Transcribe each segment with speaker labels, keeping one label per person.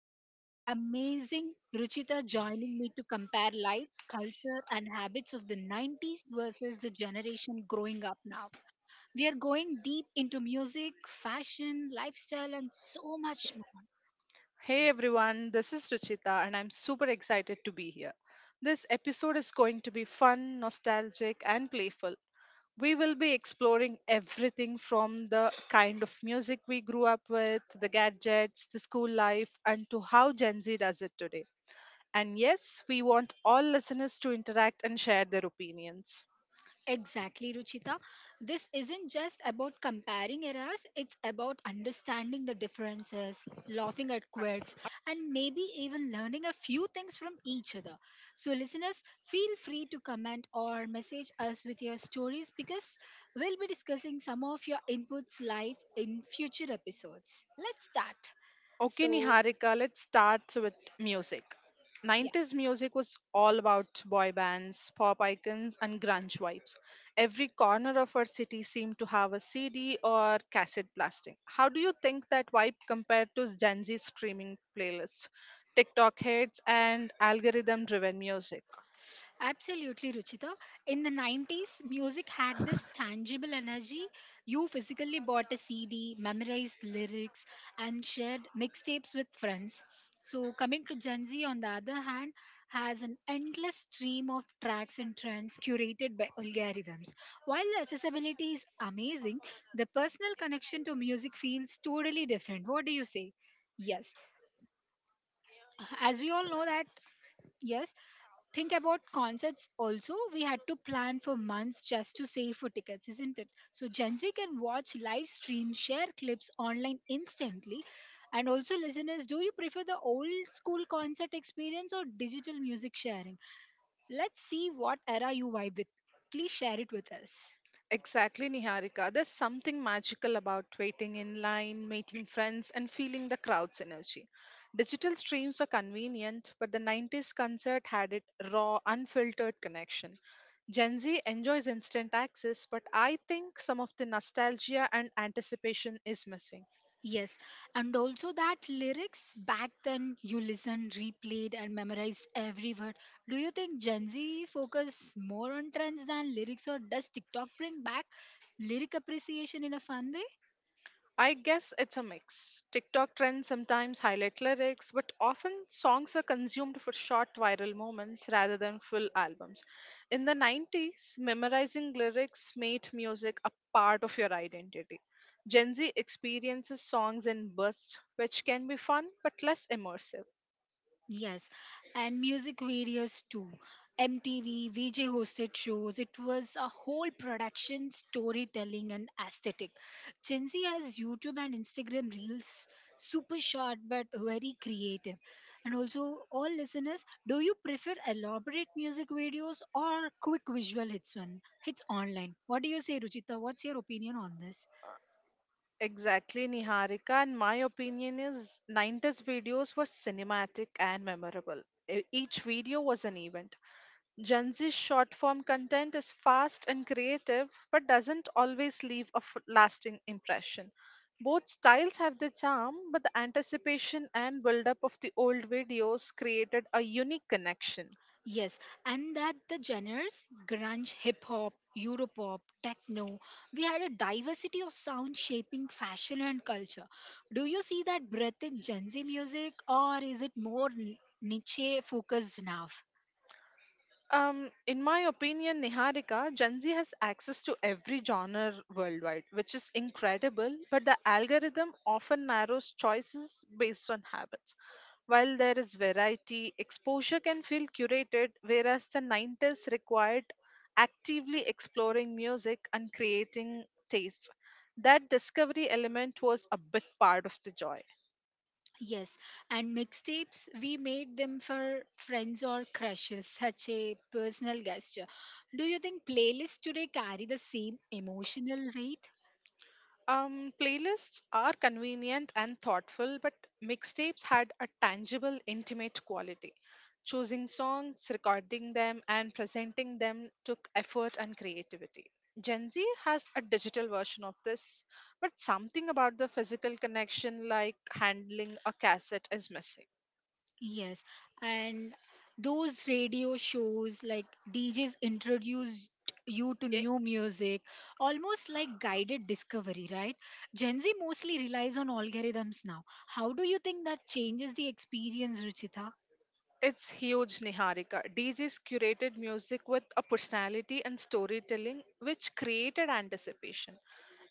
Speaker 1: I have the amazing Ruchita joining me to compare life, culture, and habits of the 90s versus the generation growing up now. We are going deep into music, fashion, lifestyle, and so much more.
Speaker 2: Hey everyone, this is Ruchita and I'm super excited to be here. This episode is going to be fun, nostalgic, and playful. We will be exploring everything from the kind of music we grew up with, the gadgets, the school life, and to how Gen Z does it today. And yes, we want all listeners to interact and share their opinions.
Speaker 1: Exactly, Ruchita. This isn't just about comparing eras, it's about understanding the differences, laughing at quirks, and maybe even learning a few things from each other. So, listeners, feel free to comment or message us with your stories because we'll be discussing some of your inputs live in future episodes. Let's start.
Speaker 2: Okay,
Speaker 1: So,
Speaker 2: Niharika, let's start with music.
Speaker 1: yeah.
Speaker 2: 90s music was all about boy bands, pop icons, and grunge vibes. Every corner of our city seemed to have a CD or cassette blasting. How do you think that vibe compared to Gen Z streaming playlists, TikTok hits, and algorithm driven music?
Speaker 1: Absolutely, Ruchita. In the 90s, music had this tangible energy. You physically bought a CD, memorized lyrics, and shared mixtapes with friends. So, coming to Gen Z, on the other hand, has an endless stream of tracks and trends curated by algorithms. While the accessibility is amazing, the personal connection to music feels totally different. What do you say? Yes, as we all know that, yes, think about concerts also. We had to plan for months just to save for tickets, isn't it? So Gen Z can watch live streams, share clips online instantly. And also, listeners, do you prefer the old school concert experience or digital music sharing? Let's see what era you vibe with. Please share it with us.
Speaker 2: Exactly, Niharika. There's something magical about waiting in line, meeting friends, and feeling the crowd's energy. Digital streams are convenient, but the 90s concert had it raw, unfiltered connection. Gen Z enjoys instant access, but I think some of the nostalgia and anticipation is missing.
Speaker 1: Yes, and also that lyrics back then you listened, replayed, and memorized every word. Do you think Gen Z focus more on trends than lyrics, or does TikTok bring back lyric appreciation in a fun way?
Speaker 2: I guess it's a mix. TikTok trends sometimes highlight lyrics, but often songs are consumed for short viral moments rather than full albums. In the 90s, memorizing lyrics made music a part of your identity. Gen Z experiences songs in bursts, which can be fun but less immersive.
Speaker 1: Yes, and music videos too. MTV, VJ hosted shows. It was a whole production, storytelling, and aesthetic. Gen Z has YouTube and Instagram reels, super short but very creative. And also, all listeners, do you prefer elaborate music videos or quick visual hits one hits online? What do you say, Ruchita? What's your opinion on this?
Speaker 2: Exactly, Niharika. And my opinion is 90s videos were cinematic and memorable. Each video was an event. Gen Z's short form content is fast and creative, but doesn't always leave a lasting impression. Both styles have their charm, but the anticipation and build up of the old videos created a unique connection.
Speaker 1: Yes, and that the genres grunge, hip hop, Europop, techno, we had a diversity of sound shaping fashion and culture. Do you see that breadth in Gen Z music or is it more niche focused now?
Speaker 2: In my opinion, Niharika, Gen Z has access to every genre worldwide, which is incredible, but the algorithm often narrows choices based on habits. While there is variety, exposure can feel curated, whereas the 90s required actively exploring music and creating taste. That discovery element was a big part of the joy.
Speaker 1: Yes, and mixtapes, we made them for friends or crushes, such a personal gesture. Do you think playlists today carry the same emotional weight?
Speaker 2: Playlists are convenient and thoughtful, but mixtapes had a tangible, intimate quality. Choosing songs, recording them, and presenting them took effort and creativity. Gen Z has a digital version of this, but something about the physical connection, like handling a cassette, is missing.
Speaker 1: Yes, and those radio shows like DJs introduced you to
Speaker 2: Yeah,
Speaker 1: new music, almost like guided discovery, right? Gen Z mostly relies on algorithms now. How do you think that changes the experience, Ruchita?
Speaker 2: it's huge, Niharika. DJs curated music with a personality and storytelling which created anticipation.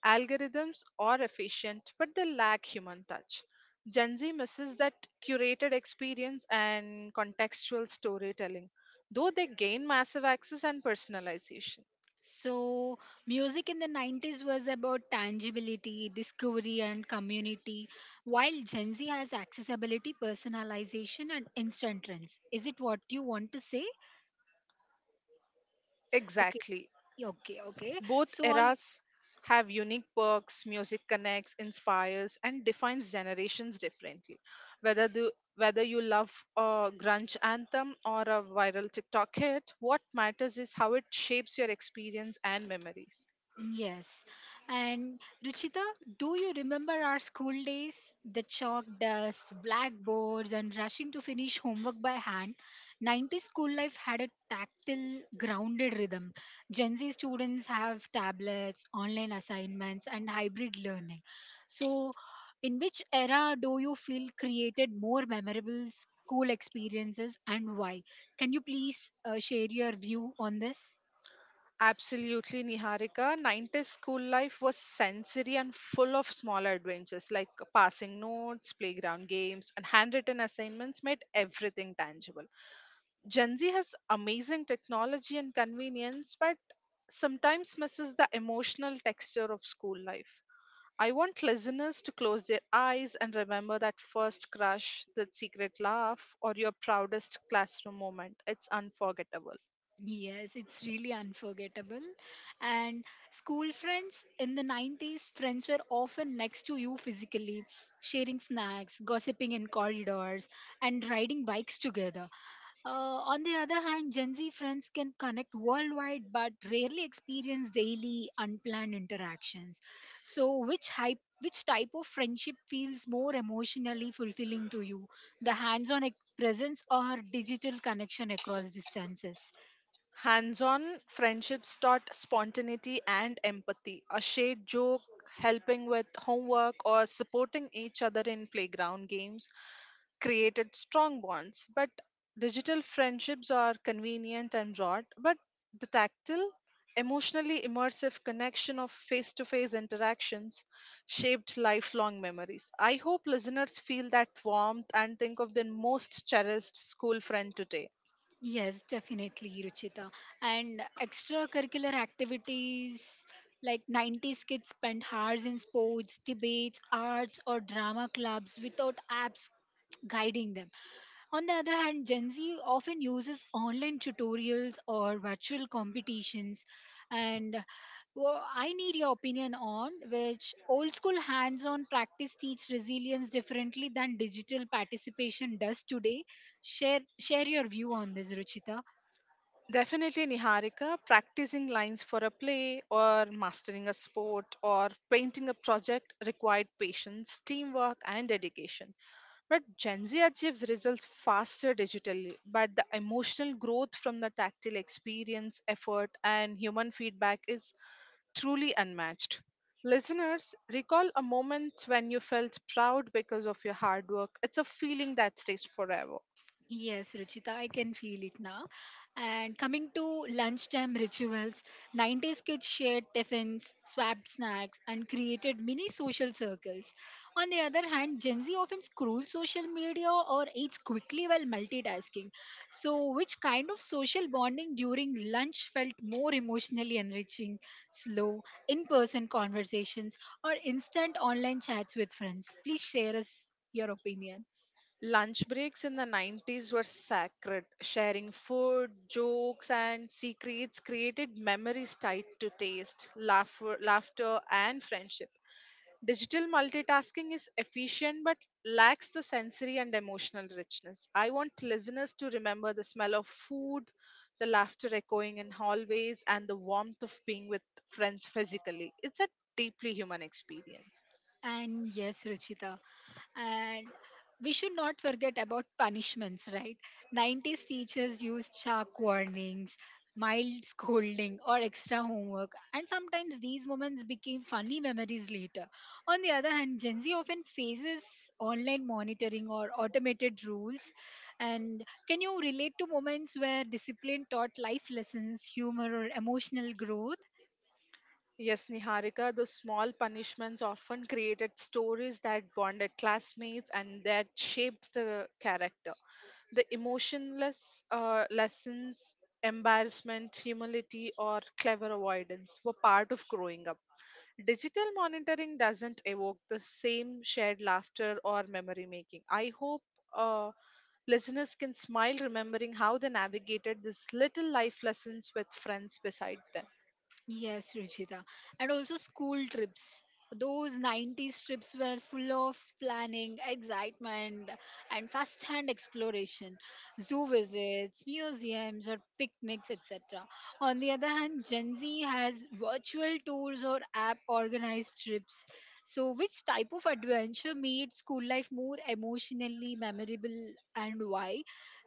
Speaker 2: Algorithms are efficient, but they lack human touch. Gen Z misses that curated experience and contextual storytelling, though they gain massive access and personalization.
Speaker 1: So, music in the 90s was about tangibility, discovery, and community, while Gen Z has accessibility, personalization, and instant trends. Is it what you want to say? Okay,
Speaker 2: Exactly.
Speaker 1: okay, okay.
Speaker 2: Both
Speaker 1: So, all
Speaker 2: eras have unique perks, music connects, inspires, and defines generations differently. Whether you love a grunge anthem or a viral TikTok hit, what matters is how it shapes your experience and memories.
Speaker 1: Yes. And Ruchita, do you remember our school days? The chalk dust, blackboards, and rushing to finish homework by hand. 90s school life had a tactile, grounded rhythm. Gen Z students have tablets, online assignments, and hybrid learning. So, in which era do you feel created more memorable school experiences and why? Can you please share your view on this?
Speaker 2: Absolutely, Niharika. 90s school life was sensory and full of small adventures like passing notes, playground games, and handwritten assignments made everything tangible. Gen Z has amazing technology and convenience, but sometimes misses the emotional texture of school life. I want listeners to close their eyes and remember that first crush, that secret laugh, or your proudest classroom moment. It's unforgettable.
Speaker 1: Yes, it's really unforgettable. And school friends in the 90s, friends were often next to you physically, sharing snacks, gossiping in corridors, and riding bikes together. Uh, on the other hand, Gen Z friends can connect worldwide but rarely experience daily unplanned interactions. So, which hype? Which type of friendship feels more emotionally fulfilling to you, the hands on presence or digital connection across distances?
Speaker 2: Hands on friendships taught spontaneity and empathy. A shared joke, helping with homework, or supporting each other in playground games created strong bonds. But digital friendships are convenient and broad, but the tactile, emotionally immersive connection of face to face interactions shaped lifelong memories. I hope listeners feel that warmth and think of their most cherished school friend today.
Speaker 1: Yes, definitely, Ruchita. And extracurricular activities like 90s kids spend hours in sports, debates, arts, or drama clubs without apps guiding them. On the other hand, Gen Z often uses online tutorials or virtual competitions. And well, I need your opinion on which old school hands on practice teach resilience differently than digital participation does today. Share your view on this, Ruchita.
Speaker 2: Definitely, Niharika, practicing lines for a play or mastering a sport or painting a project required patience, teamwork, and dedication. But Gen Z achieves results faster digitally, but the emotional growth from the tactile experience, effort, and human feedback is truly unmatched. Listeners, recall a moment when you felt proud because of your hard work. It's a feeling that stays forever.
Speaker 1: Yes, Ruchita, I can feel it now. And coming to lunchtime rituals, 90s kids shared tiffins, swapped snacks, and created mini social circles. On the other hand, Gen Z often scrolls social media or eats quickly while multitasking. So, which kind of social bonding during lunch felt more emotionally enriching? Slow, in person conversations, or instant online chats with friends? Please share us your opinion.
Speaker 2: Lunch breaks in the 90s were sacred. Sharing food, jokes, and secrets created memories tied to taste, laughter and friendship. Digital multitasking is efficient but lacks the sensory and emotional richness. I want listeners to remember the smell of food, the laughter echoing in hallways, and the warmth of being with friends physically. It's a deeply human experience.
Speaker 1: And yes, Ruchita. And we should not forget about punishments, right? 90s teachers used chalk warnings, mild scolding, or extra homework, and sometimes these moments became funny memories later. On the other hand, Gen Z often faces online monitoring or automated rules. And can you relate to moments where discipline taught life lessons, humor, or emotional growth?
Speaker 2: Yes, Niharika, those small punishments often created stories that bonded classmates and that shaped the character. The emotionless lessons, embarrassment, humility, or clever avoidance were part of growing up. Digital monitoring doesn't evoke the same shared laughter or memory making. I hope uh, listeners can smile remembering how they navigated these little life lessons with friends beside them.
Speaker 1: Yes, Ruchita. And also school trips. Those 90s trips were full of planning, excitement, and first hand exploration, zoo visits, museums, or picnics, etc. On the other hand, Gen Z has virtual tours or app organized trips. So, which type of adventure made school life more emotionally memorable and why?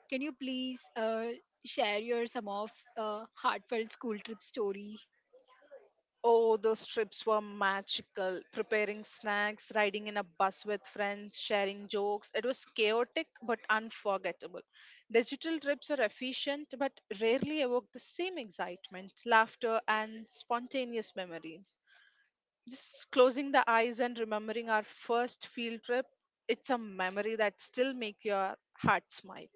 Speaker 1: Can you please share your some of heartfelt school trip story?
Speaker 2: Oh, those trips were magical. Preparing snacks, riding in a bus with friends, sharing jokes. It was chaotic but unforgettable. Digital trips are efficient but rarely evoke the same excitement, laughter, and spontaneous memories. Just closing the eyes and remembering our first field trip, it's a memory that still makes your heart smile.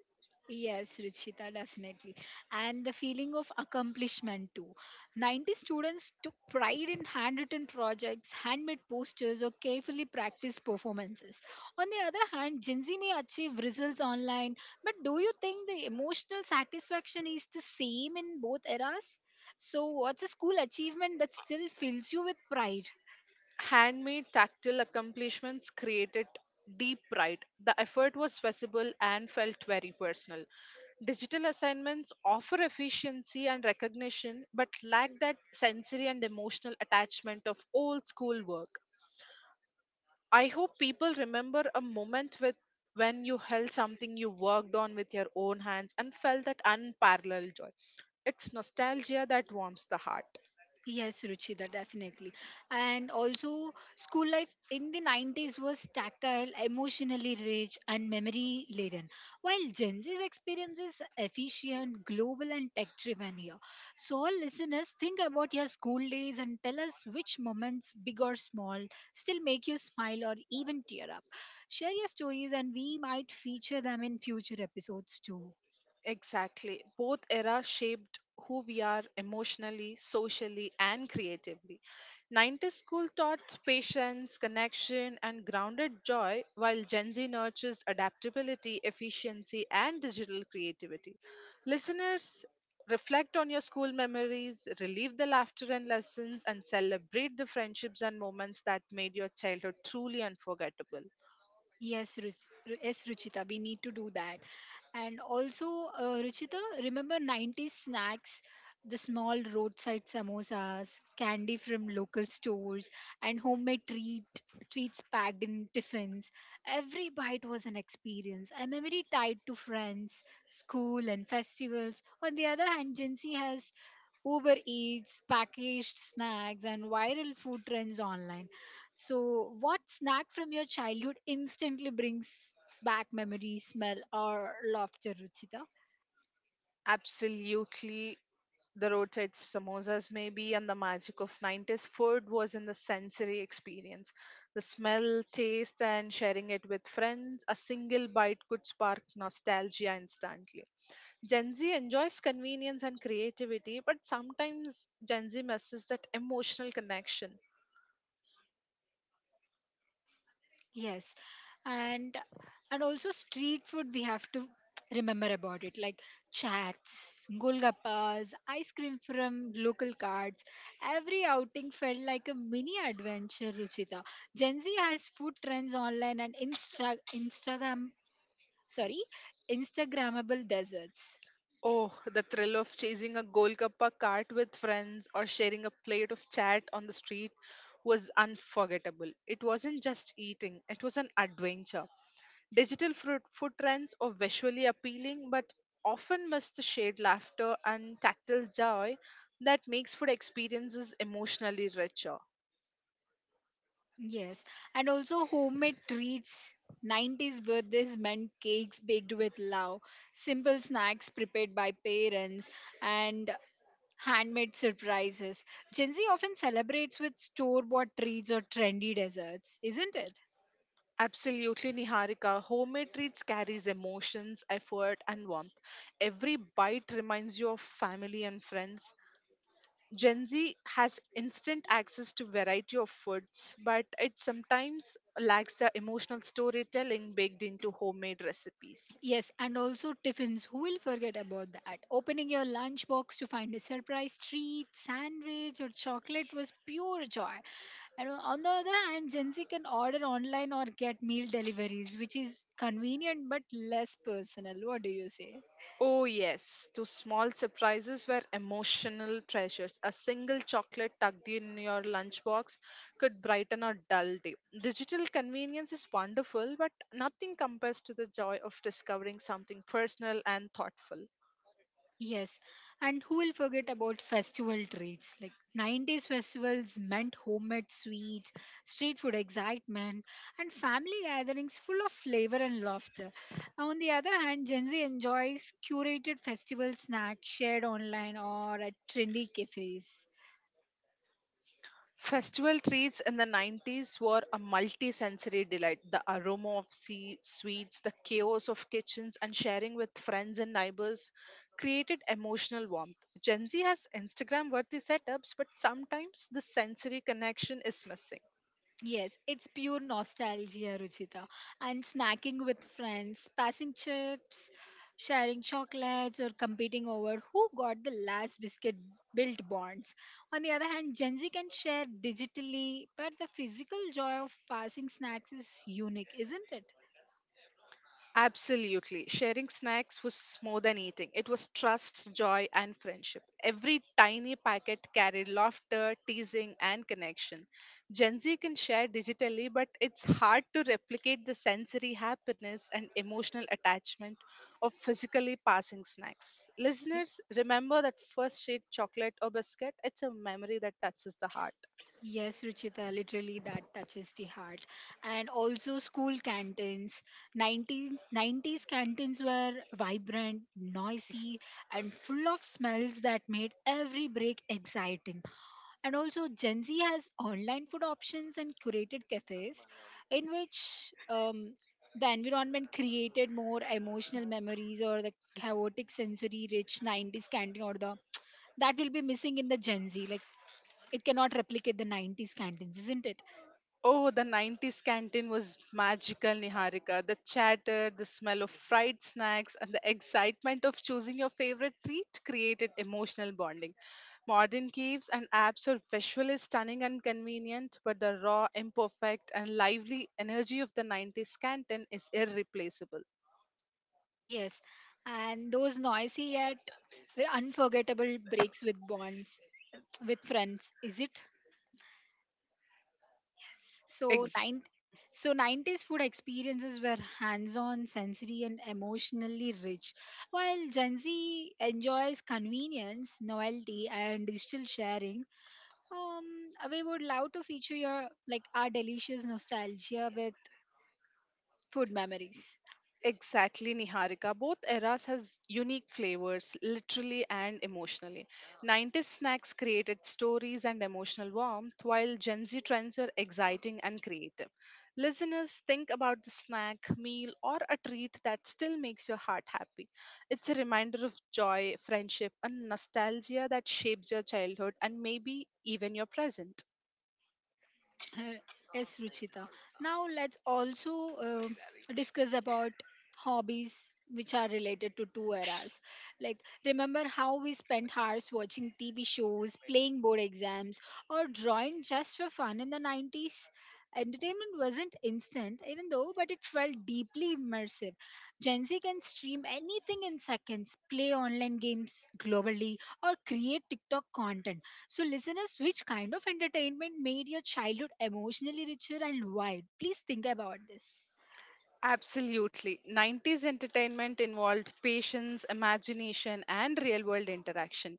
Speaker 1: Yes, Ruchita, definitely. And the feeling of accomplishment too. 90 students took pride in handwritten projects, handmade posters, or carefully practiced performances. On the other hand, Gen Z may achieve results online, but do you think the emotional satisfaction is the same in both eras? So, what's a school achievement that still fills you with pride?
Speaker 2: Handmade tactile accomplishments created deep pride. The effort was visible and felt very personal. Digital assignments offer efficiency and recognition, but lack that sensory and emotional attachment of old school work. I hope people remember a moment with when you held something you worked on with your own hands and felt that unparalleled joy. It's nostalgia that warms the heart.
Speaker 1: Yes, Ruchita, definitely. And also, school life in the 90s was tactile, emotionally rich, and memory laden, while Gen Z's experience is efficient, global, and tech driven here. So, all listeners, think about your school days and tell us which moments, big or small, still make you smile or even tear up. Share your stories, and we might feature them in future episodes too.
Speaker 2: Exactly. Both eras shaped who we are emotionally, socially, and creatively. 90s school taught patience, connection, and grounded joy, while Gen Z nurtures adaptability, efficiency, and digital creativity. Listeners, reflect on your school memories, relive the laughter and lessons, and celebrate the friendships and moments that made your childhood truly unforgettable.
Speaker 1: Yes, Ruth. Yes, Ruchita, we need to do that. And also, Ruchita, remember 90s snacks, the small roadside samosas, candy from local stores, and homemade treats packed in tiffins. Every bite was an experience, a memory tied to friends, school, and festivals. On the other hand, Gen Z has Uber Eats, packaged snacks, and viral food trends online. So, what snack from your childhood instantly brings back memories, smell, or laughter, Ruchita?
Speaker 2: Absolutely. The roadside samosas maybe, and the magic of 90s food was in the sensory experience, the smell, taste, and sharing it with friends. A single bite could spark nostalgia instantly. Gen Z enjoys convenience and creativity, but sometimes Gen Z misses that emotional connection.
Speaker 1: Yes, and and also street food. We have to remember about it, like chats, golgappas, ice cream from local carts. Every outing felt like a mini adventure, Ruchita. Gen Z has food trends online and sorry, Instagrammable desserts.
Speaker 2: Oh, the thrill of chasing a Golgappa cart with friends or sharing a plate of chat on the street was unforgettable. It wasn't just eating, it was an adventure. Digital fruit, food trends are visually appealing but often miss the shared laughter and tactile joy that makes food experiences emotionally richer.
Speaker 1: Yes, and also homemade treats. 90s birthdays meant cakes baked with love, simple snacks prepared by parents, and handmade surprises. Gen Z often celebrates with store bought treats or trendy desserts, isn't it?
Speaker 2: Absolutely, Niharika. Homemade treats carries emotions, effort, and warmth. Every bite reminds you of family and friends. Gen Z has instant access to variety of foods, but it sometimes lacks the emotional storytelling baked into homemade recipes.
Speaker 1: Yes, and also tiffins. Who will forget about that? Opening your lunchbox to find a surprise treat, sandwich, or chocolate was pure joy. And on the other hand, Gen Z can order online or get meal deliveries, which is convenient but less personal. What do you say?
Speaker 2: Oh, yes, to small surprises were emotional treasures. A single chocolate tucked in your lunchbox could brighten a dull day. Digital convenience is wonderful, but nothing compares to the joy of discovering something personal and thoughtful.
Speaker 1: Yes. And who will forget about festival treats? Like 90s festivals meant homemade sweets, street food excitement, and family gatherings full of flavor and laughter. On the other hand, Gen Z enjoys curated festival snacks shared online or at trendy cafes.
Speaker 2: Festival treats in the 90s were a multi sensory delight. The aroma of sea sweets, the chaos of kitchens, and sharing with friends and neighbors created emotional warmth. Gen Z has Instagram worthy setups, but sometimes the sensory connection is missing.
Speaker 1: Yes, it's pure nostalgia, Ruchita. And snacking with friends, passing chips, sharing chocolates, or competing over who got the last biscuit built bonds. On the other hand, Gen Z can share digitally, but the physical joy of passing snacks is unique, isn't it?
Speaker 2: Absolutely. Sharing snacks was more than eating. It was trust, joy, and friendship. Every tiny packet carried laughter, teasing, and connection. Gen Z can share digitally, but it's hard to replicate the sensory happiness and emotional attachment of physically passing snacks. Listeners, remember that first sweet chocolate or biscuit? It's a memory that touches the heart.
Speaker 1: Yes, Ruchita, literally that touches the heart. And also school canteens. 90s canteens were vibrant, noisy, and full of smells that made every break exciting. And also, Gen Z has online food options and curated cafes, in which the environment created more emotional memories, or the chaotic sensory rich 90s canteen or the that will be missing in the Gen Z. Like, it cannot replicate the 90s canteens, isn't it?
Speaker 2: Oh, the 90s canteen was magical, Niharika. The chatter, the smell of fried snacks, and the excitement of choosing your favorite treat created emotional bonding. Modern caves and apps are visually stunning and convenient, but the raw, imperfect, and lively energy of the 90s canteen is irreplaceable.
Speaker 1: Yes. And those noisy yet unforgettable breaks with bonds, with friends, is it? So, nine, so, 90s food experiences were hands on, sensory, and emotionally rich. While Gen Z enjoys convenience, novelty, and digital sharing, we would love to feature your like our delicious nostalgia with food memories.
Speaker 2: Exactly, Niharika. Both eras has unique flavors, literally and emotionally. 90s snacks created stories and emotional warmth, while Gen Z trends are exciting and creative. Listeners, think about the snack, meal, or a treat that still makes your heart happy. It's a reminder of joy, friendship, and nostalgia that shapes your childhood and maybe even your present.
Speaker 1: Uh, yes, Ruchita. Now let's also discuss about hobbies which are related to two eras. Like, remember how we spent hours watching TV shows, playing board exams, or drawing just for fun in the 90s? Entertainment wasn't instant, even though, but it felt deeply immersive. Gen Z can stream anything in seconds, play online games globally, or create TikTok content. So, listeners, which kind of entertainment made your childhood emotionally richer and why? Please think about this.
Speaker 2: Absolutely. 90s entertainment involved patience, imagination, and real world interaction.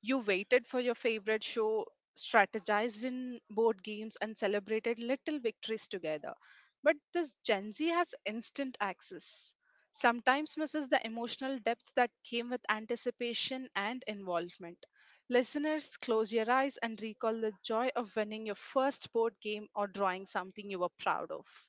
Speaker 2: You waited for your favorite show, strategized in board games, and celebrated little victories together. But this Gen Z has instant access. Sometimes misses the emotional depth that came with anticipation and involvement. Listeners, close your eyes and recall the joy of winning your first board game or drawing something you were proud of.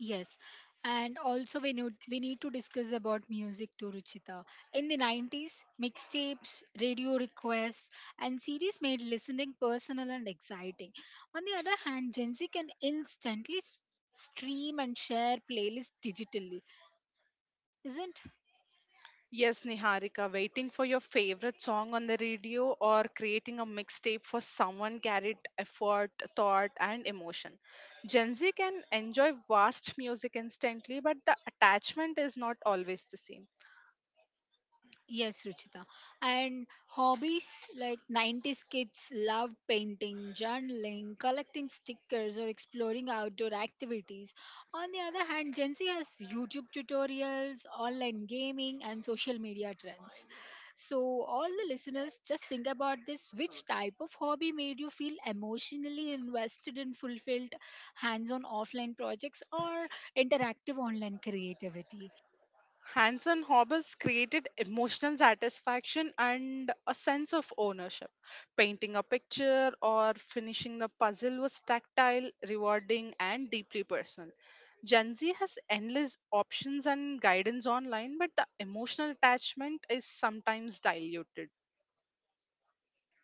Speaker 1: Yes, and also we need to discuss about music too, Ruchita. In the 90s, mixtapes, radio requests, and CDs made listening personal and exciting. On the other hand, Gen Z can instantly stream and share playlists digitally, isn't?
Speaker 2: Yes, Niharika, waiting for your favorite song on the radio or creating a mixtape for someone carried effort, thought, and emotion. Gen Z can enjoy vast music instantly, but the attachment is not always the same.
Speaker 1: Yes, Ruchita. And hobbies like 90s kids loved painting, journaling, collecting stickers, or exploring outdoor activities. On the other hand, Gen Z has YouTube tutorials, online gaming, and social media trends. So, all the listeners, just think about this, which type of hobby made you feel emotionally invested in fulfilled hands on offline projects or interactive online creativity?
Speaker 2: Hands on hobbies created emotional satisfaction and a sense of ownership. Painting a picture or finishing a puzzle was tactile, rewarding, and deeply personal. Gen Z has endless options and guidance online, but the emotional attachment is sometimes diluted.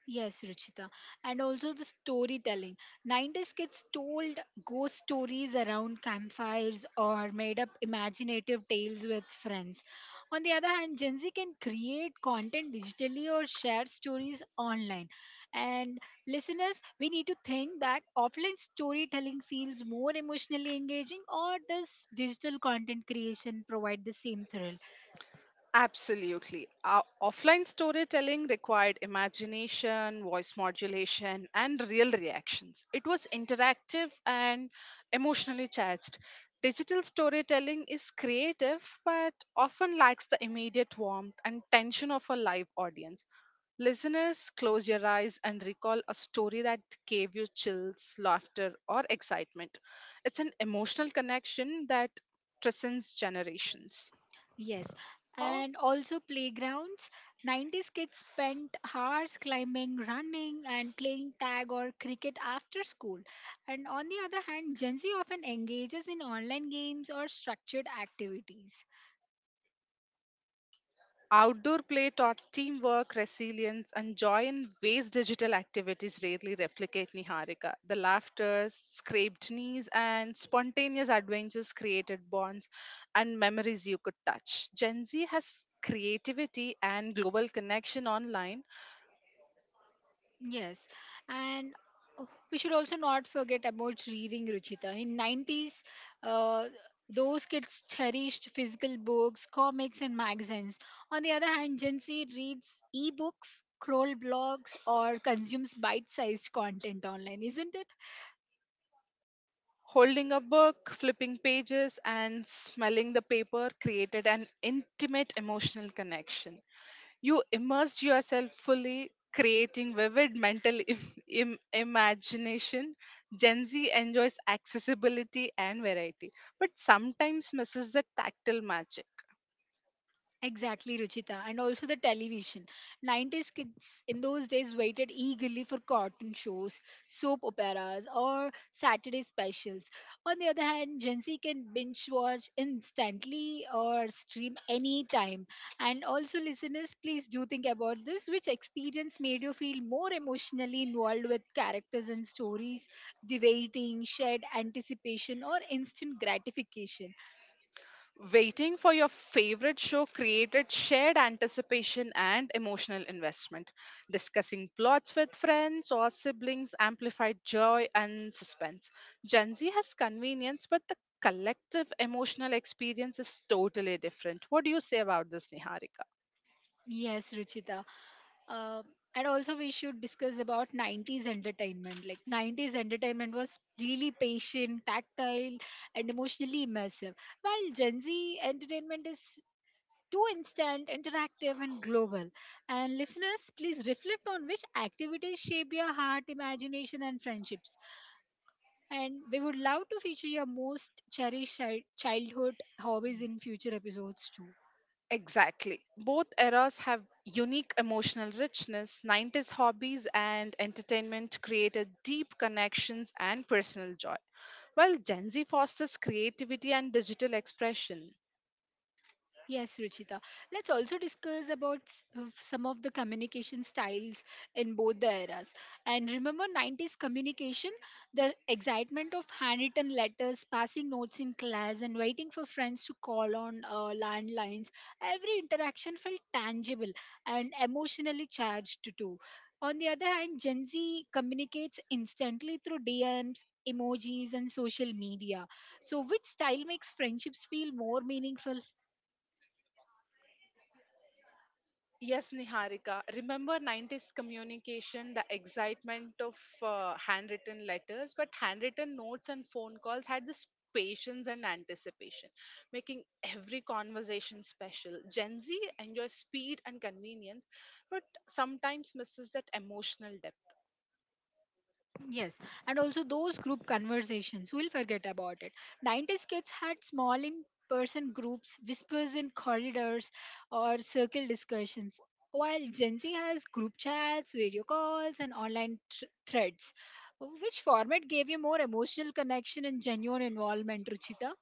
Speaker 1: Yes, Ruchita. And also the storytelling. 90s kids told ghost stories around campfires or made up imaginative tales with friends. On the other hand, Gen Z can create content digitally or share stories online. And listeners, we need to think that offline storytelling feels more emotionally engaging, or does digital content creation provide the same thrill?
Speaker 2: Absolutely. Offline storytelling required imagination, voice modulation, and real reactions. It was interactive and emotionally charged. Digital storytelling is creative but often lacks the immediate warmth and tension of a live audience. Listeners, close your eyes and recall a story that gave you chills, laughter, or excitement. It's an emotional connection that transcends generations.
Speaker 1: Yes, and also playgrounds. 90s kids spent hours climbing, running, and playing tag or cricket after school. And on the other hand, Gen Z often engages in online games or structured activities.
Speaker 2: Outdoor play taught teamwork, resilience, and joy in ways digital activities rarely replicate, Niharika. The laughter, scraped knees, and spontaneous adventures created bonds and memories you could touch. Gen Z has creativity and global connection online.
Speaker 1: Yes, and oh, we should also not forget about reading Ruchita. In 90s, uh, those kids cherished physical books, comics, and magazines. On the other hand, Gen Z reads e-books, scroll blogs, or consumes bite-sized content online, isn't it?
Speaker 2: Holding a book, flipping pages, and smelling the paper created an intimate emotional connection. You immersed yourself fully, creating vivid mental imagination. Gen Z enjoys accessibility and variety, but sometimes misses the tactile magic.
Speaker 1: Exactly, Ruchita, and also the television. 90s kids in those days waited eagerly for cartoon shows, soap operas, or Saturday specials. On the other hand, Gen Z can binge watch instantly or stream anytime. And also, listeners, please do think about this, which experience made you feel more emotionally involved with characters and stories, the waiting, shared anticipation, or instant gratification?
Speaker 2: Waiting for your favorite show created shared anticipation and emotional investment. Discussing plots with friends or siblings amplified joy and suspense. Gen Z has convenience, but the collective emotional experience is totally different. What do you say about this, Niharika?
Speaker 1: Yes, Ruchita. Uh, and also, we should discuss about 90s entertainment. Like, 90s entertainment was really patient, tactile, and emotionally immersive, while Gen Z entertainment is too instant, interactive, and global. And listeners, please reflect on which activities shaped your heart, imagination, and friendships. And we would love to feature your most cherished childhood hobbies in future episodes, too.
Speaker 2: Exactly. Both eras have unique emotional richness. 90s hobbies and entertainment created deep connections and personal joy, while Gen Z fosters creativity and digital expression.
Speaker 1: Yes, Ruchita. Let's also discuss about of some of the communication styles in both the eras. And remember 90s communication, the excitement of handwritten letters, passing notes in class and waiting for friends to call on landlines. Every interaction felt tangible and emotionally charged too. On the other hand, Gen Z communicates instantly through DMs, emojis and social media. So which style makes friendships feel more meaningful?
Speaker 2: Yes, Niharika. Remember 90s communication, the excitement of handwritten letters, but handwritten notes and phone calls had this patience and anticipation, making every conversation special. Gen Z enjoys speed and convenience, but sometimes misses that emotional depth.
Speaker 1: Yes, and also those group conversations, we'll forget about it. 90s kids had small in person groups, whispers in corridors, or circle discussions, while Gen Z has group chats, video calls, and online threads. Which format gave you more emotional connection and genuine involvement, Ruchita?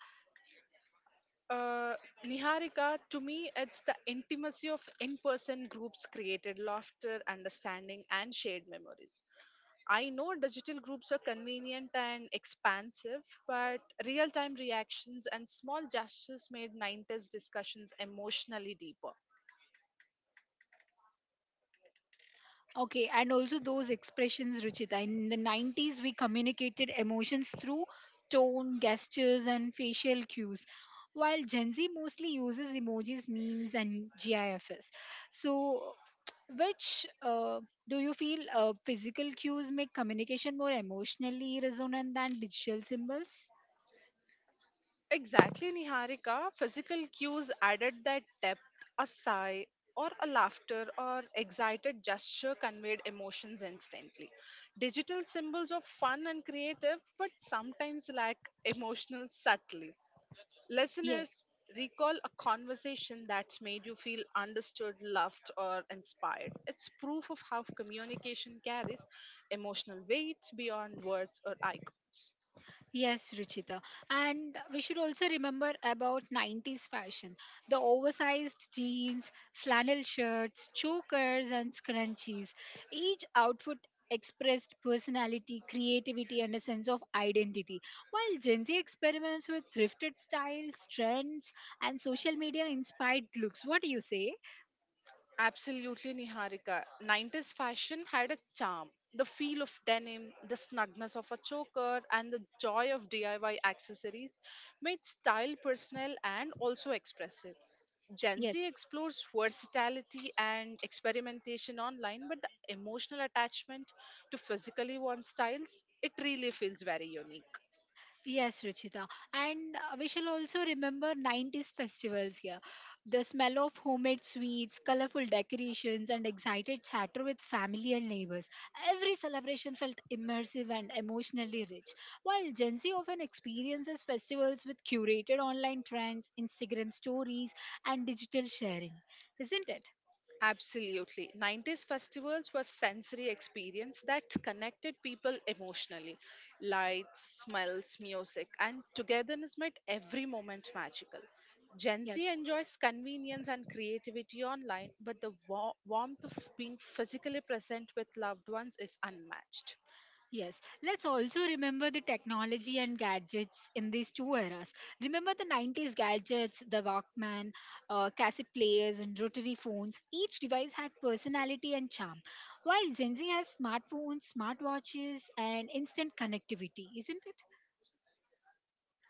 Speaker 2: Uh, Niharika, to me, it's the intimacy of in person groups created laughter, understanding, and shared memories. I know digital groups are convenient and expansive, but real time reactions and small gestures made 90s discussions emotionally deeper.
Speaker 1: Okay, and also those expressions, Ruchita. In the 90s, we communicated emotions through tone, gestures, and facial cues, while Gen Z mostly uses emojis, memes, and GIFs. So, which do you feel physical cues make communication more emotionally resonant than digital symbols?
Speaker 2: Exactly, Niharika. Physical cues added that depth, a sigh, or a laughter or excited gesture conveyed emotions instantly. Digital symbols are fun and creative, but sometimes lack emotional subtlety.
Speaker 1: Yeah.
Speaker 2: Listeners, recall a conversation that's made you feel understood, loved, or inspired. It's proof of how communication carries emotional weight beyond words or icons.
Speaker 1: Yes, Ruchita. And we should also remember about 90s fashion. The oversized jeans, flannel shirts, chokers, and scrunchies. Each outfit expressed personality, creativity, and a sense of identity. While Gen Z experiments with thrifted styles, trends, and social media inspired looks. What do you say?
Speaker 2: Absolutely, Niharika. 90s fashion had a charm. The feel of denim, the snugness of a choker, and the joy of DIY accessories made style personal and also expressive. Gen
Speaker 1: Yes.
Speaker 2: Z explores versatility and experimentation online, but the emotional attachment to physically worn styles, it really feels very unique.
Speaker 1: Yes, Ruchita. And we shall also remember 90s festivals here. The smell of homemade sweets, colorful decorations, and excited chatter with family and neighbors. Every celebration felt immersive and emotionally rich. While Gen Z often experiences festivals with curated online trends, Instagram stories, and digital sharing. Isn't it?
Speaker 2: Absolutely. 90s festivals were sensory experience that connected people emotionally. Lights, smells, music, and togetherness made every moment magical. Gen Z
Speaker 1: Yes.
Speaker 2: enjoys convenience and creativity online, but the warmth of being physically present with loved ones is unmatched.
Speaker 1: Yes, let's also remember the technology and gadgets in these two eras. Remember the 90s gadgets, the Walkman, cassette players, and rotary phones. Each device had personality and charm, while Gen Z has smartphones, smartwatches, and instant connectivity, isn't it?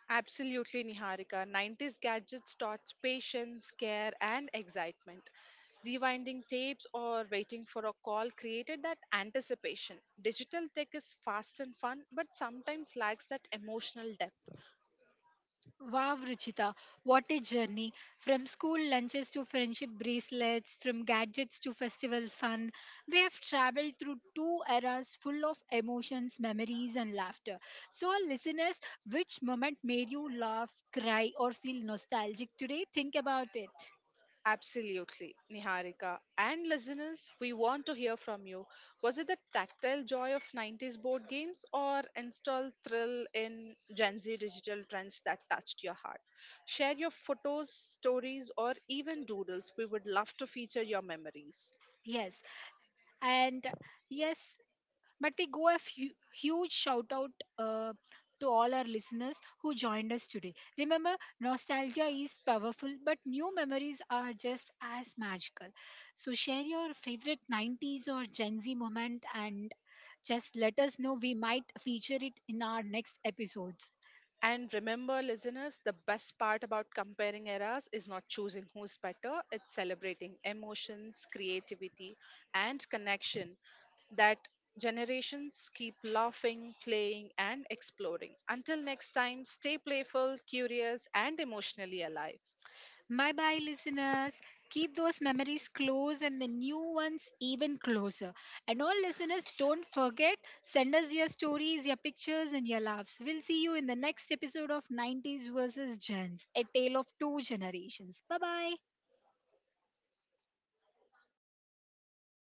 Speaker 2: Absolutely, Niharika. 90s gadgets taught patience, care, and excitement. Rewinding tapes or waiting for a call created that anticipation. Digital tech is fast and fun, but sometimes lacks that emotional depth.
Speaker 1: Wow, Ruchita, what a journey. From school lunches to friendship bracelets, from gadgets to festival fun, we have traveled through two eras full of emotions, memories, and laughter. So, our listeners, which moment made you laugh, cry, or feel nostalgic today? Think about it.
Speaker 2: Absolutely, Niharika. And listeners, we want to hear from you. Was it the tactile joy of 90s board games or install thrill in Gen Z digital trends that touched your heart? Share your photos, stories, or even doodles. We would love to feature your memories.
Speaker 1: Yes, and yes, but we go a huge shout out uh, to all our listeners who joined us today. Remember, nostalgia is powerful, but new memories are just as magical. So share your favorite 90s or Gen Z moment and just let us know. We might feature it in our next episodes.
Speaker 2: And remember, listeners, the best part about comparing eras is not choosing who's better, it's celebrating emotions, creativity, and connection that generations keep laughing, playing, and exploring. Until next time, stay playful, curious, and emotionally alive.
Speaker 1: Bye bye, listeners. Keep those memories close and the new ones even closer. And all listeners, don't forget, send us your stories, your pictures, and your laughs. We'll see you in the next episode of 90s versus Gens, a tale of two generations. Bye bye.